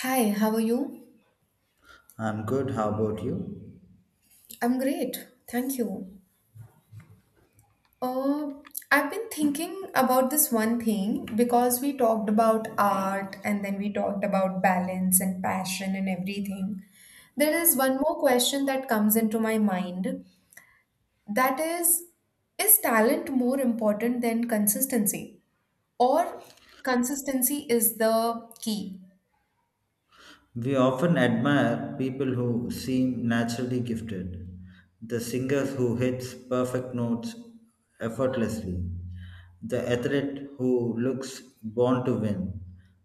Hi, how are you? I'm good. How about you? I'm great. Thank you. Uh, I've been thinking about this one thing because we talked about art and then we talked about balance and passion and everything. There is one more question that comes into my mind that is talent more important than consistency? Or consistency is the key? We often admire people who seem naturally gifted, the singers who hits perfect notes effortlessly, the athlete who looks born to win,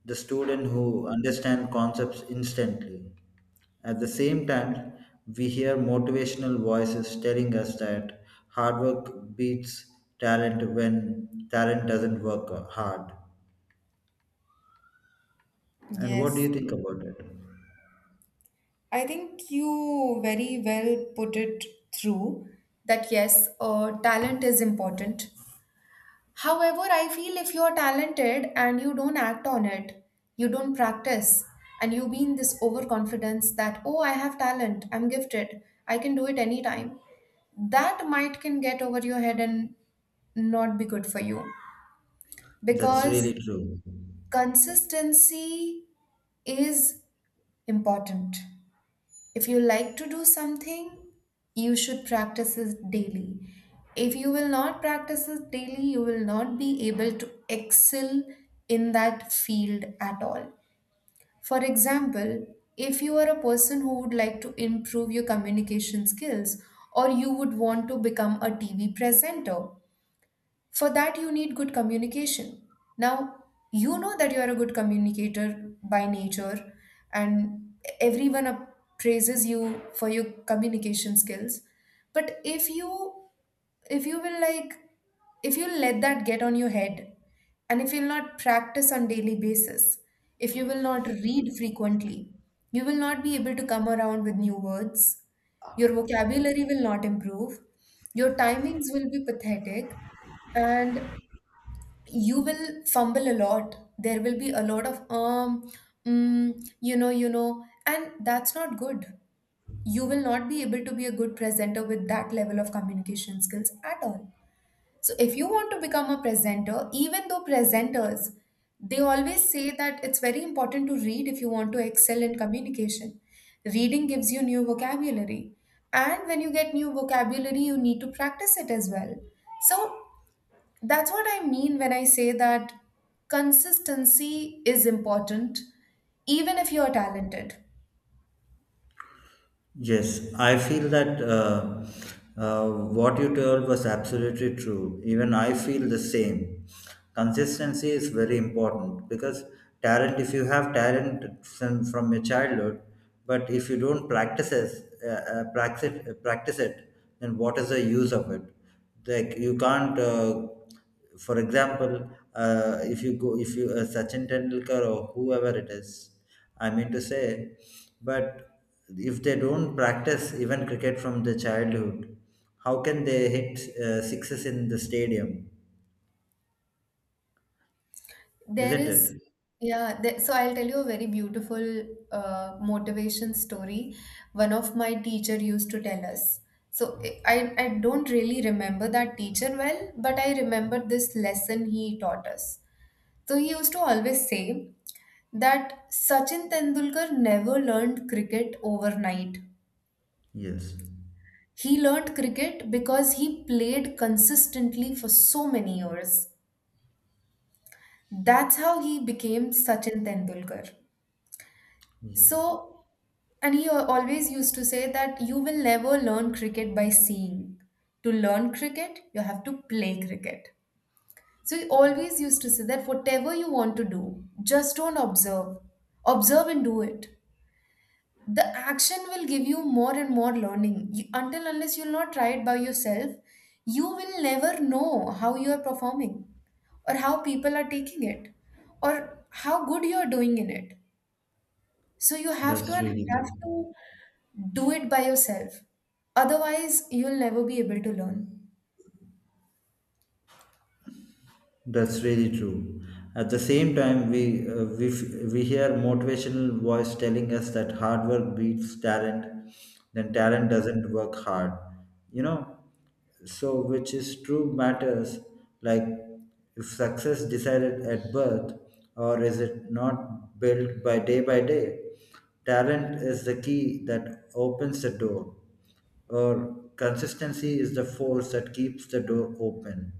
the student who understands concepts instantly. At the same time, we hear motivational voices telling us that hard work beats talent when talent doesn't work hard. And what do Yes. you think about it? I think you very well put it through that yes, talent is important. However, I feel if you're talented and you don't act on it, you don't practice, and you be in this overconfidence that, oh, I have talent, I'm gifted, I can do it anytime, that might can get over your head and not be good for you That's because really true. consistency is important. If you like to do something, you should practice it daily. If you will not practice it daily, you will not be able to excel in that field at all. For example, if you are a person who would like to improve your communication skills, or you would want to become a TV presenter, for that, you need good communication. Now, you know that you are a good communicator by nature, and everyone appraises you for your communication skills. But if you will like if you let that get on your head, and if you'll not practice on daily basis, if you will not read frequently, you will not be able to come around with new words, your vocabulary will not improve, your timings will be pathetic, and you will fumble a lot. There will be a lot of mm, and that's not good. You will not be able to be a good presenter with that level of communication skills at all. So if you want to become a presenter, even though presenters, they always say that it's very important to read if you want to excel in communication. Reading gives you new vocabulary. And when you get new vocabulary, you need to practice it as well. So that's what I mean when I say that consistency is important, even if you're talented. Yes, I feel that what you told was absolutely true. Even I feel the same. Consistency is very important because talent, if you have talent from your childhood, but if you don't practice it, practice it, then what is the use of it? Like you can't for example, if you go, if you Sachin Tendulkar or whoever it is, I mean to say, but if they don't practice even cricket from the childhood, how can they hit sixes in the stadium? There Isn't is, it? yeah, there, so I'll tell you a very beautiful motivation story one of my teacher used to tell us. So I don't really remember that teacher well, but I remember this lesson he taught us. So he used to always say that Sachin Tendulkar never learned cricket overnight. Yes. He learned cricket because he played consistently for so many years. That's how he became Sachin Tendulkar. Yes. So, and he always used to say that you will never learn cricket by seeing. To learn cricket, you have to play cricket. So, he always used to say that whatever you want to do, just don't observe. Observe and do it. The action will give you more and more learning you, until unless you'll not try it by yourself, you will never know how you are performing, or how people are taking it, or how good you are doing in it. So you have to That's and really have true. to do it by yourself, otherwise you'll never be able to learn. That's really true. At the same time, we hear motivational voice telling us that hard work beats talent, then talent doesn't work hard. You know, so which is true matters. Like if success decided at birth, or is it not built by day by day? Talent is the key that opens the door, or consistency is the force that keeps the door open.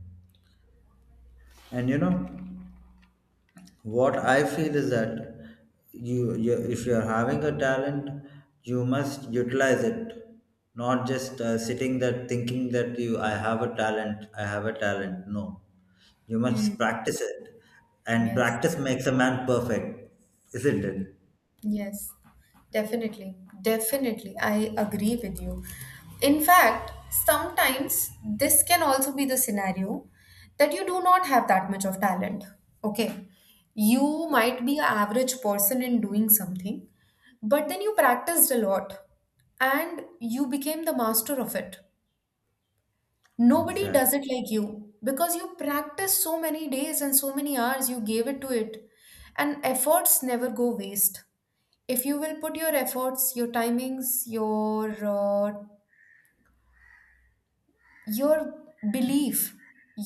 And you know what I feel is that you if you are having a talent, you must utilize it, not just sitting there thinking that you I have a talent, I have a talent. No, you Hmm. must practice it, and Yes. practice makes a man perfect, isn't it? Mm, yes, definitely. Definitely. I agree with you. In fact, sometimes this can also be the scenario that you do not have that much of talent. Okay. You might be an average person in doing something, but then you practiced a lot and you became the master of it. Nobody Exactly. does it like you because you practiced so many days and so many hours, you gave it to it, and efforts never go waste. If you will put your efforts, your timings, your belief,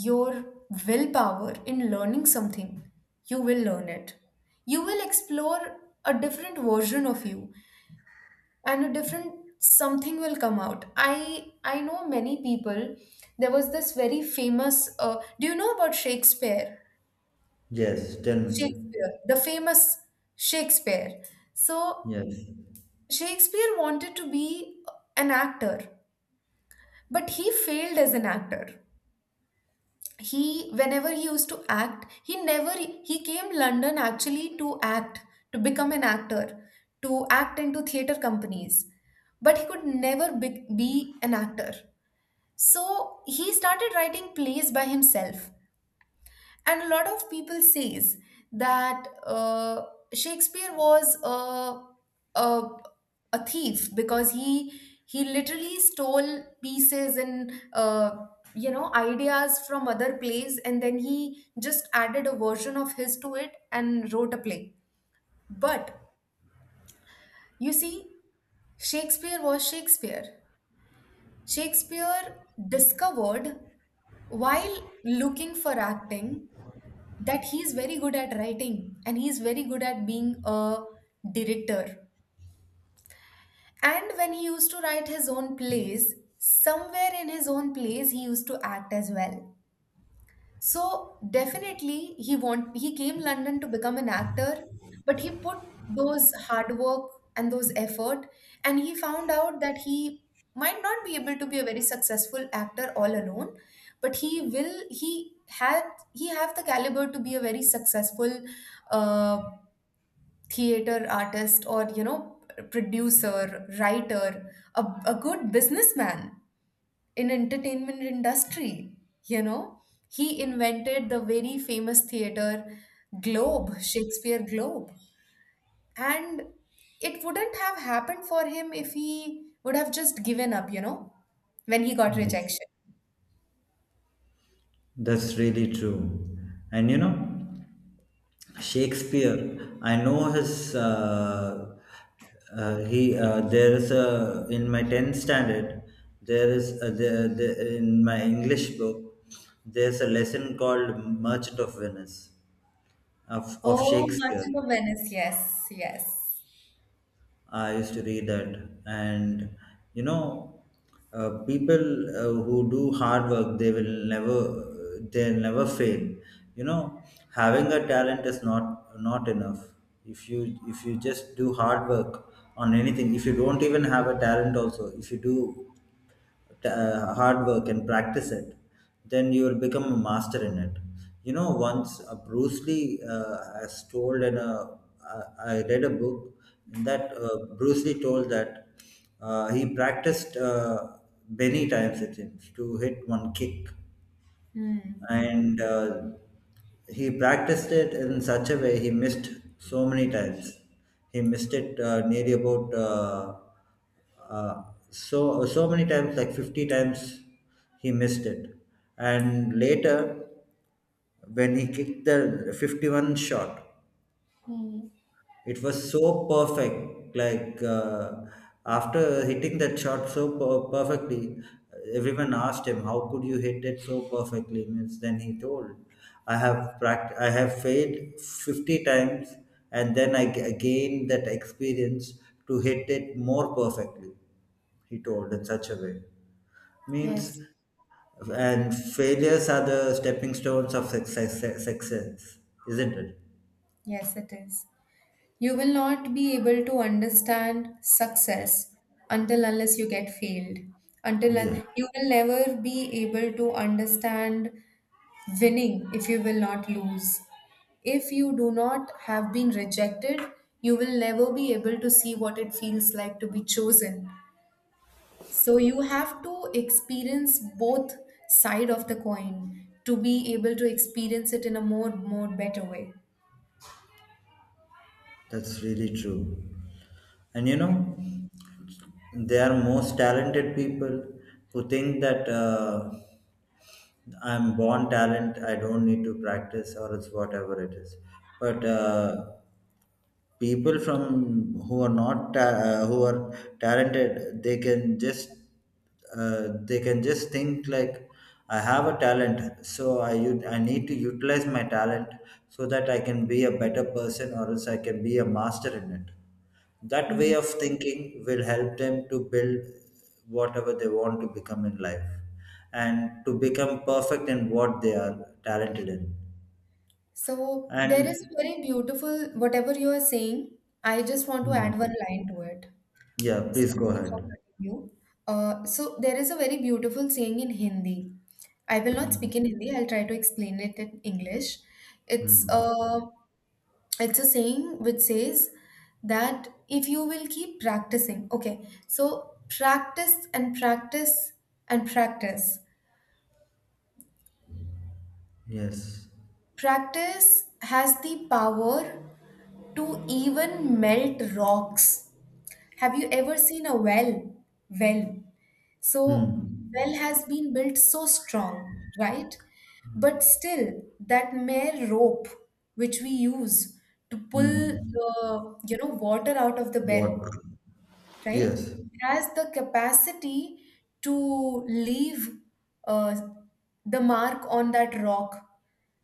your willpower in learning something, you will learn it, you will explore a different version of you, and a different something will come out. I know many people. There was this very famous do you know about Shakespeare? Yes, tell me. Shakespeare the famous Shakespeare. So Yes. Shakespeare wanted to be an actor, but he failed as an actor. He whenever he used to act he never, he came London actually to act, to become an actor, to act into theater companies, but he could never be an actor. So he started writing plays by himself, and a lot of people says that Shakespeare was a a thief because he literally stole pieces and, you know, ideas from other plays, and then he just added a version of his to it and wrote a play. But you see, Shakespeare was Shakespeare. Shakespeare discovered while looking for acting that he is very good at writing and he is very good at being a director. And when he used to write his own plays, somewhere in his own plays, he used to act as well. So definitely he want he came London to become an actor, but he put those hard work and those effort, and he found out that he might not be able to be a very successful actor all alone, but he will he had he have the caliber to be a very successful uh, theater artist, or you know, producer, writer, a good businessman in entertainment industry. You know, he invented the very famous theater, globe, Shakespeare Globe, and it wouldn't have happened for him if he would have just given up, you know, when he got Yes. rejection. That's really true. And you know, Shakespeare, I know his. He There is a in my 10th standard. There is there, in my English book. There's a lesson called Merchant of Venice of Oh, Shakespeare. Merchant of Venice, yes. Yes. I used to read that, and you know, people who do hard work, they'll never fail. You know, having a talent is not enough. If you just do hard work on anything, if you don't even have a talent, also if you do hard work and practice it, then you will become a master in it. You know, once Bruce Lee has told in a, I read a book in that Bruce Lee told that he practiced many times it seems to hit one kick, Hmm. and he practiced it in such a way he missed so many times. He missed it nearly about uh, so many times, like 50 times, he missed it. And later, when he kicked the 51 shot, Hmm. it was so perfect. Like, after hitting that shot perfectly, everyone asked him, "How could you hit it so perfectly?" Means then he told, I have failed 50 times, and then I gained that experience to hit it more perfectly." He told in such a way means, Yes. and failures are the stepping stones of success. Success, isn't it? Yes, it is. You will not be able to understand success until unless you get failed. Yeah. You will never be able to understand winning if you will not lose. If you do not have been rejected, you will never be able to see what it feels like to be chosen. So you have to experience both side of the coin to be able to experience it in a more better way. That's really true. And you know, there are most talented people who think that I'm born talent, I don't need to practice or it's whatever it is. But people from who are not ta- who are talented, they can just think like I have a talent, so I need to utilize my talent so that I can be a better person or else I can be a master in it. That way Yeah. of thinking will help them to build whatever they want to become in life and to become perfect in what they are talented in. So And. there is very beautiful, whatever you are saying, I just want to Hmm. add one line to it. Yeah, please go Sorry for ahead. cutting you. So there is a very beautiful saying in Hindi. I will not Hmm. speak in Hindi, I'll try to explain it in English. It's Hmm. a, it's a saying which says that if you will keep practicing, okay, so practice and practice and practice. Yes. Practice has the power to even melt rocks. Have you ever seen a well? Well. So, Hmm. well has been built so strong, right? But still, that mere rope which we use to pull Hmm. the, you know, water out of the well, What? right? Yes. It has the capacity to leave uh, the mark on that rock,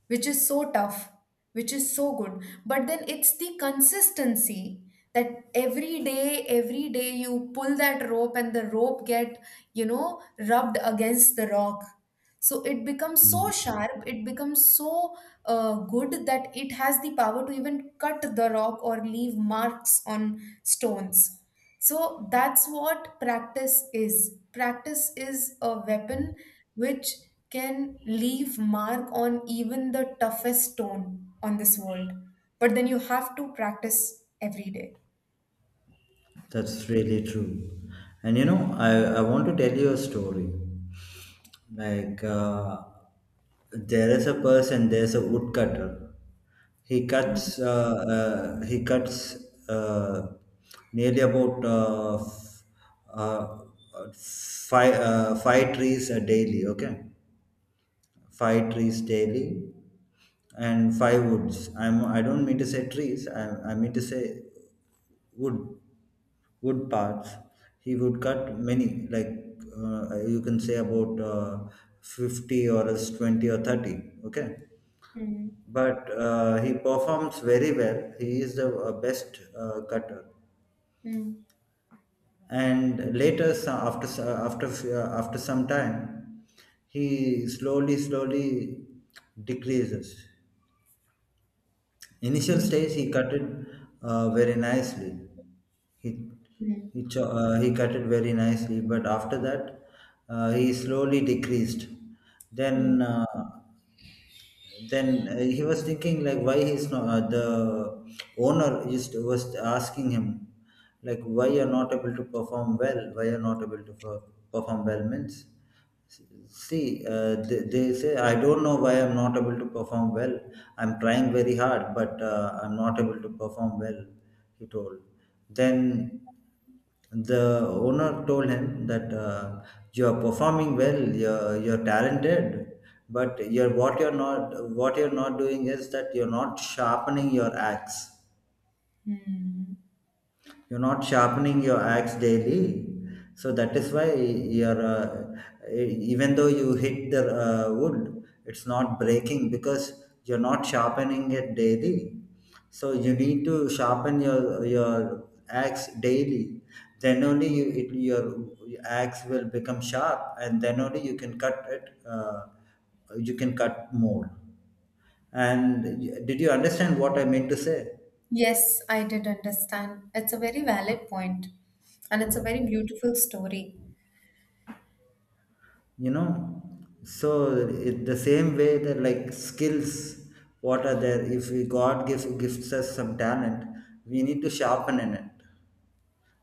which is so tough, which is so good. But then it's the consistency that every day you pull that rope and the rope get, you know, rubbed against the rock. So it becomes Hmm. so sharp, it becomes so good that it has the power to even cut the rock or leave marks on stones. So that's what practice is. Practice is a weapon which can leave mark on even the toughest stone on this world. But then you have to practice every day. That's really true. And you know, I want to tell you a story. Like, there is a person, there's a woodcutter. He cuts uh, nearly about uh, five trees a daily, okay? Five trees daily and five woods. I don't mean to say trees, I mean to say wood wood parts. He would cut many, like you can say about 50 or else 20 or 30. Okay. Hmm. But he performs very well. He is the best cutter. Hmm. And later, after some time, he slowly, slowly decreases. Initial Hmm. stage, he cut it very nicely. He Hmm. He cut it very nicely, but after that, he slowly decreased. Hmm. Then uh, then he was thinking like why he's not the owner just was asking him like why you're not able to perform well, why you're not able to perform well means. See, they say, I don't know why I'm not able to perform well. I'm trying very hard, but I'm not able to perform well, he told. Then the owner told him that you're performing well, you're talented, but you're, what you're not doing is that you're not sharpening your axe. Hmm. You're not sharpening your axe daily, so that is why you're. Even though you hit the wood, it's not breaking because you're not sharpening it daily. So you need to sharpen your axe daily. Then only your axe will become sharp, and then only you can cut it. You can cut more. And did you understand what I meant to say? Yes, I did understand. It's a very valid point, and it's a very beautiful story. You know, so it, the same way that like skills what are there if we god gives gifts us some talent, we need to sharpen in it.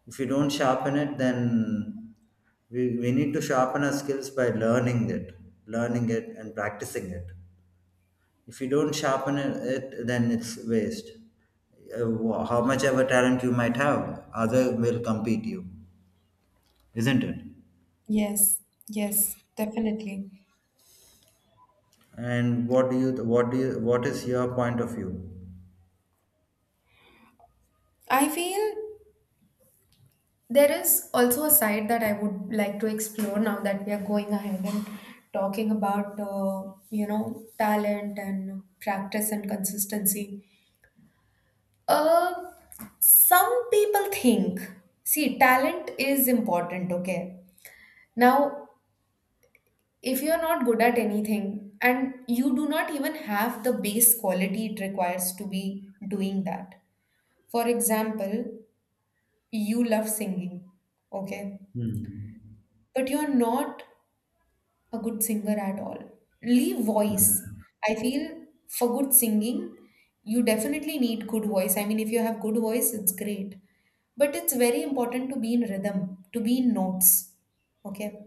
If we don't sharpen it, then we need to sharpen our skills by learning it, learning it and practicing it. If you don't sharpen it, then it's waste. How much ever talent you might have, other will compete you, isn't it? Yes, yes, definitely. And what is your point of view? I feel there is also a side that I would like to explore now that we are going ahead and talking about you know, talent and practice and consistency. Uh, some people think, see, talent is important, okay? Now, if you're not good at anything and you do not even have the base quality it requires to be doing that. For example, you love singing, okay? Hmm. But you're not a good singer at all. Leave voice. Mm. I feel for good singing, you definitely need good voice. I mean, if you have good voice, it's great. But it's very important to be in rhythm, to be in notes. Okay.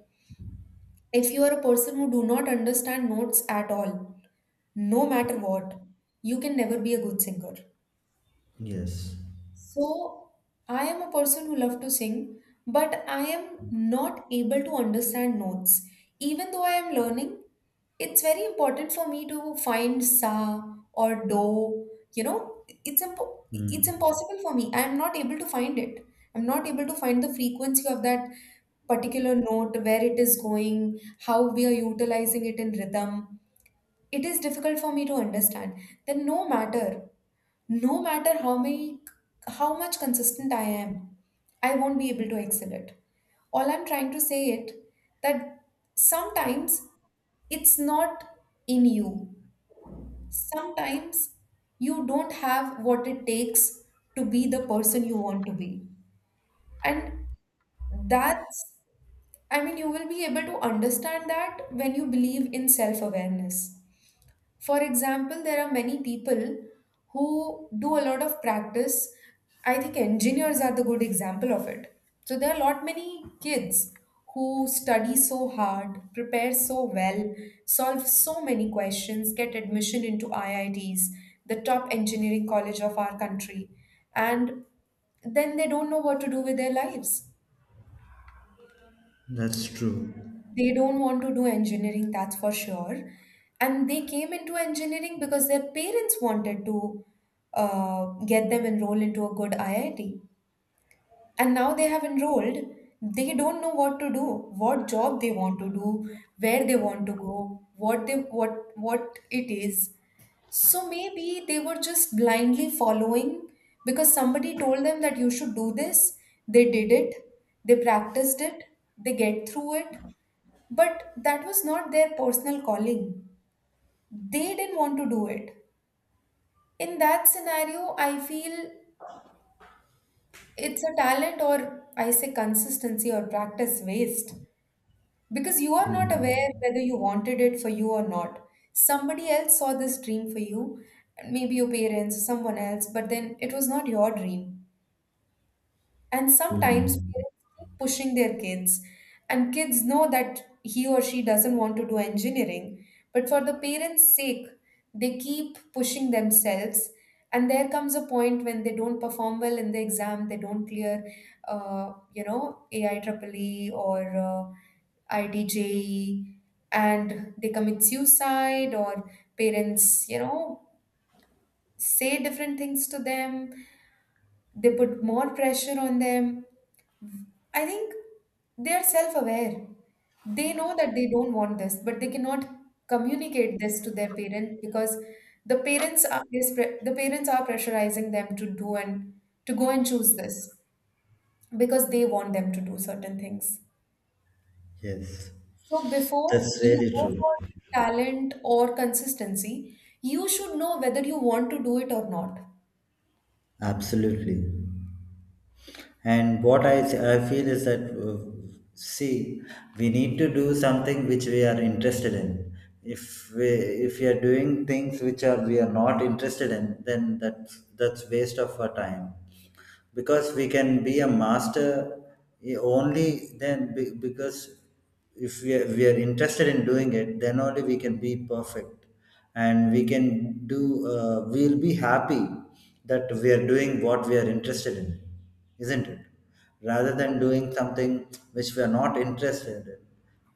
If you are a person who do not understand notes at all, no matter what, you can never be a good singer. Yes. So I am a person who love to sing, but I am not able to understand notes. Even though I am learning, it's very important for me to find sa or do. You know, it's Mm, impossible for me. I am not able to find it. I'm not able to find the frequency of that particular note, where it is going, how we are utilizing it in rhythm. It is difficult for me to understand. Then no matter, no matter how many how much consistent I am, I won't be able to excel it. All I'm trying to say it that sometimes it's not in you, sometimes you don't have what it takes to be the person you want to be, and that's, I mean, you will be able to understand that when you believe in self awareness. For example, there are many people who do a lot of practice. I think engineers are the good example of it. So there are a lot many kids who study so hard, prepare so well, solve so many questions, get admission into IITs, the top engineering college of our country, and then they don't know what to do with their lives. that's true. They don't want to do engineering, that's for sure. And they came into engineering because their parents wanted to get them enrolled into a good IIT. And now they have enrolled. They don't know what to do, what job they want to do, where they want to go, what they what it is. So maybe they were just blindly following because somebody told them that you should do this. They did it. They practiced it. They get through it, but that was not their personal calling. They didn't want to do it. In that scenario, I feel it's a talent, or I say consistency or practice waste, because you are not aware Mm. whether you wanted it for you or not. Somebody else saw this dream for you, maybe your parents, someone else, but then it was not your dream. And sometimes Mm. parents keep pushing their kids, and kids know that he or she doesn't want to do engineering, but for the parents' sake, they keep pushing themselves. And there comes a point when they don't perform well in the exam, they don't clear, AI AIEEE or IDJE, and they commit suicide, or parents, say different things to them, they put more pressure on them. I think they are self aware. They know that they don't want this, but they cannot communicate this to their parents because the parents are pressurizing them to do and to go and choose this because they want them to do certain things. Yes, So before that's you really go true. for talent or consistency, you should know whether you want to do it or not. Absolutely. And what I feel is that see, we need to do something which we are interested in. If we we are doing things which are we are not interested in, then that's waste of our time, because we can be a master, i- only because if we are interested in doing it, then only we can be perfect, and we can do, we'll be happy that we are doing what we are interested in, isn't it? Rather than doing something which we are not interested in.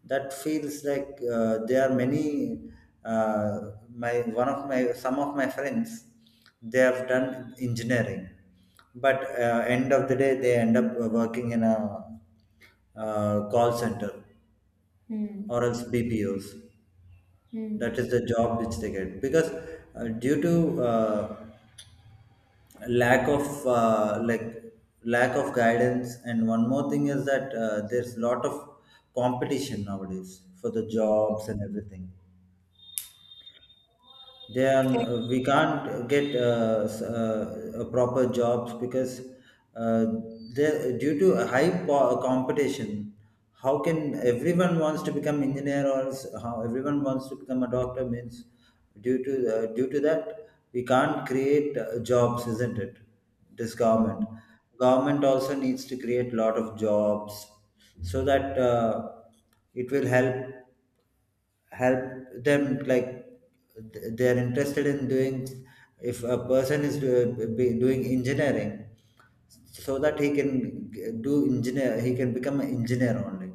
That feels like there are many. My one of my some of my friends, they have done engineering, but end of the day they end up working in a call center Hmm. or else BPOs. That Hmm. is the job which they get because due to lack of like lack of guidance, and one more thing is that there's a lot of competition nowadays for the Yes. jobs and everything. Then we can't get proper jobs because uh, there, due to a high competition, how can everyone wants to become engineer or how everyone wants to become a doctor means, due to due to that we can't create jobs, isn't it? This government Hmm. government also needs to create lot of jobs, so that it will help them, like they are interested in doing. If a person is be doing engineering, so that he can g- do engineer he can become an engineer only,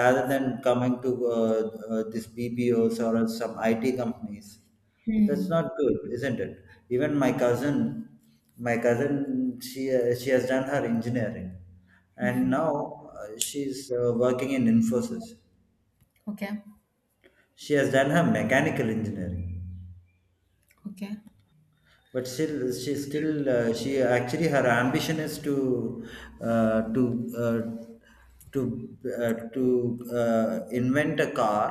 rather than coming to this BPOs or some IT companies. That's Hmm. not good, isn't it? Even my cousin, she has done her engineering, and Hmm. now she's working in Infosys. Okay. She has done her mechanical engineering, Okay. but still she actually her ambition is to uh, to uh, invent a car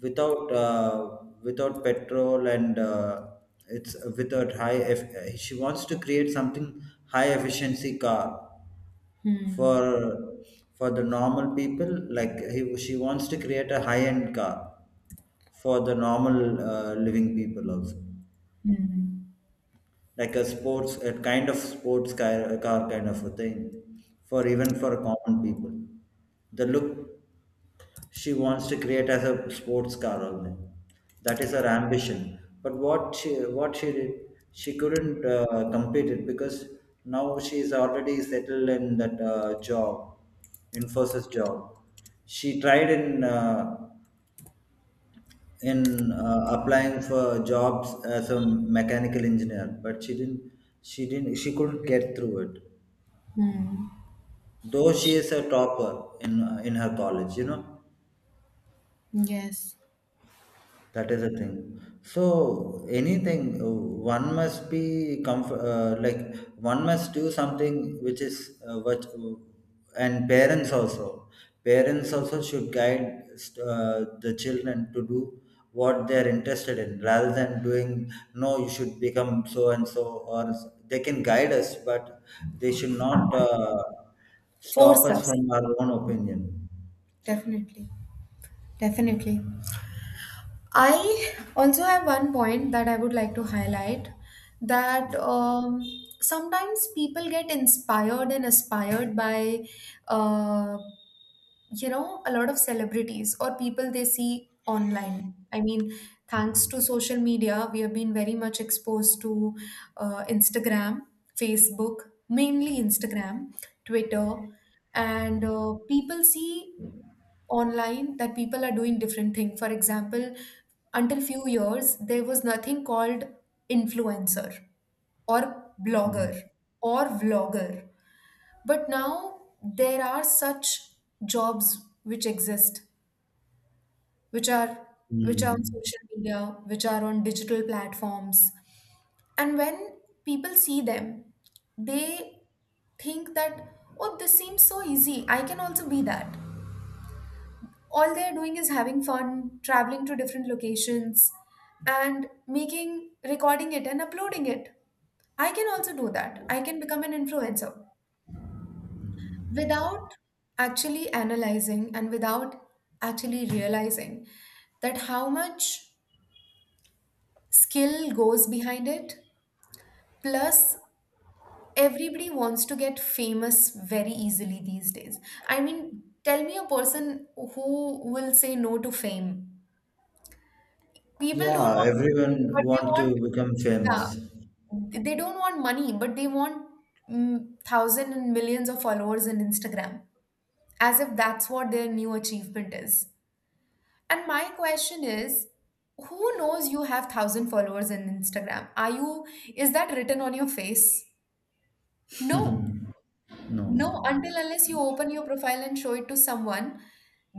without without petrol, and it's without high. She wants to create something high efficiency car Hmm. for the normal people. Like she wants to create a high end car for the normal living people also. Hmm. Like a kind of sports car, car kind of a thing, for even for common people, the look she wants to create as a sports car only. That is her ambition, but what she did, she couldn't complete it, because now she is already settled in that job, Infosys job. She tried in applying for jobs as a mechanical engineer, but she couldn't get through it, Hmm. though she is a topper in her college. Yes. That is the thing. So anything one must be comfort like one must do something which is what, and parents also should guide uh, the children to do what they are interested in, rather than doing no you should become so and so or they can guide us, but they should not stop Force us us. from our own opinion. Definitely. Definitely. I also have one point that I would like to highlight, that Yeah. Sometimes people get inspired and aspired by uh, you know, a lot of celebrities or people they see online. I mean, thanks to social media, we have been very much exposed to Instagram, Facebook, mainly Instagram, Twitter, and people see online that people are doing different thing. For example, until few years there was nothing called influencer or Mm. blogger or vlogger, but now there are such jobs which exist, which are which are on Mm. social media, which are on digital platforms. And when people see them, they think that, oh, this seems so easy. I can also be that. All they're doing is having fun, traveling to different locations, and making, recording it and uploading it. I can also do that. I can become an influencer, without actually analyzing and without actually realizing that how much skill goes behind it, plus everybody wants to get famous very easily these days. I mean, tell me a person who will say no to fame. People don't Yeah, want money, everyone but they want want, to become famous. yeah, they don't want money but they want, mm, thousand and millions of followers in Instagram, as if that's what their new achievement is. And my question is, who knows you have 1000 followers in Instagram? Are you, is that written on your face? No. No, No, until unless you open your profile and show it to someone,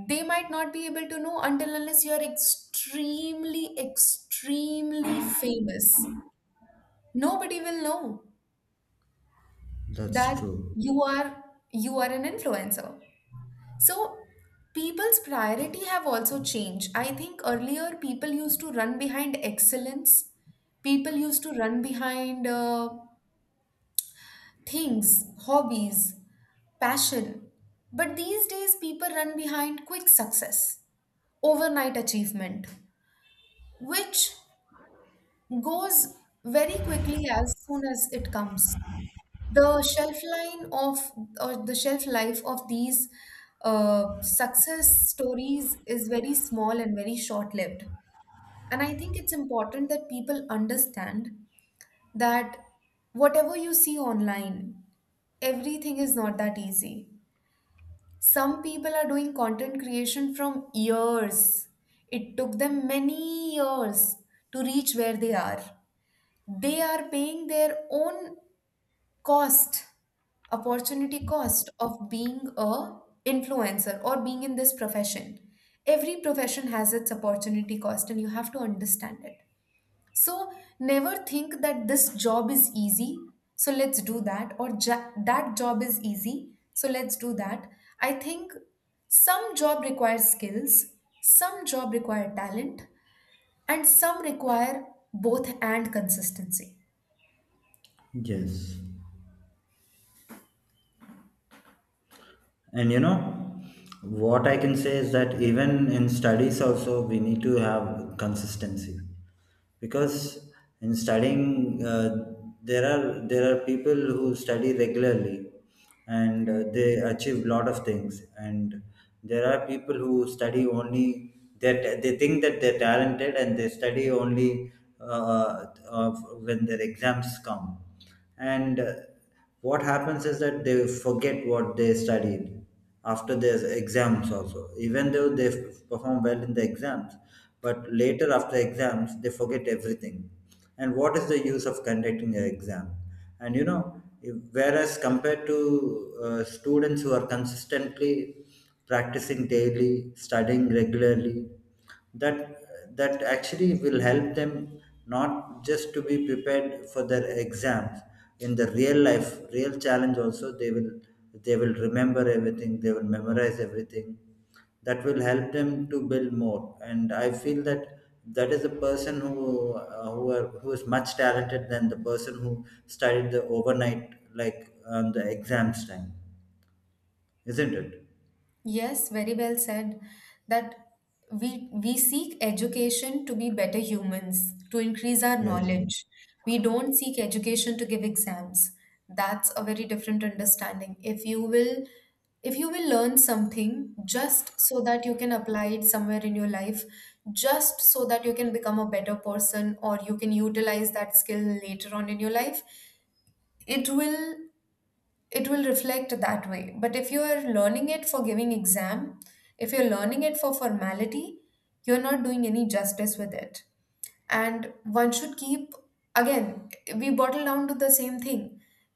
they might not be able to know until unless you're extremely, extremely famous. Nobody will know that's that true. you are, you are an influencer. So people's priority have also changed. I think earlier people used to run behind excellence. People used to run behind things, hobbies, passion. But these days people run behind quick success, overnight achievement, which goes very quickly as soon as it comes. The shelf line of, or the shelf life of these success stories is very small and very short lived, and I think it's important that people understand that whatever you see online, everything is not that easy. Some people are doing content creation from years. It took them many years to reach where they are. They are paying their own cost, opportunity cost of being a influencer or being in this profession. Every profession has its opportunity cost, and you have to understand it. So never think that this job is easy so let's do that, or that job is easy so let's do that. I think some job requires skills, some job require talent, and some require both and consistency. Yes. And you know what I can say is that even in studies also we need to have consistency, because in studying there are people who study regularly, and they achieve lot of things, and there are people who study only, that they think that they're talented, and they study only uh, uh, when their exams come. And what happens is that they forget what they studied after their exams also, even though they perform well in the exams, but later after exams they forget everything. And what is the use of conducting an exam? And you know, whereas compared to students who are consistently practicing daily, studying regularly, that actually will help them, not just to be prepared for their exams, in the real life real challenge also they will remember everything, they will memorize everything. That will help them to build more, and I feel that that is a person who who is much talented than the person who studied the overnight, like on the exams time, isn't it? Yes, very well said. That we seek education to be better humans, to increase our Yes. knowledge. We don't seek education to give exams. That's a very different understanding. If you will learn something just so that you can apply it somewhere in your life, just so that you can become a better person or you can utilize that skill later on in your life, it will it will reflect that way. But if you are learning it for giving exam, if you're learning it for formality, you're not doing any justice with it. And one should keep, again, we bottle down to the same thing,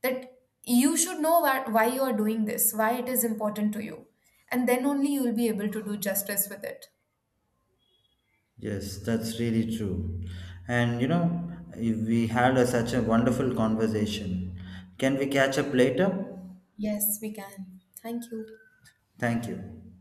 that you should know why you are doing this, why it is important to you, and then only you will be able to do justice with it. Yes, that's really true. And you know, we had such a wonderful conversation. Can we catch up later? Yes, we can. Thank you. Thank you.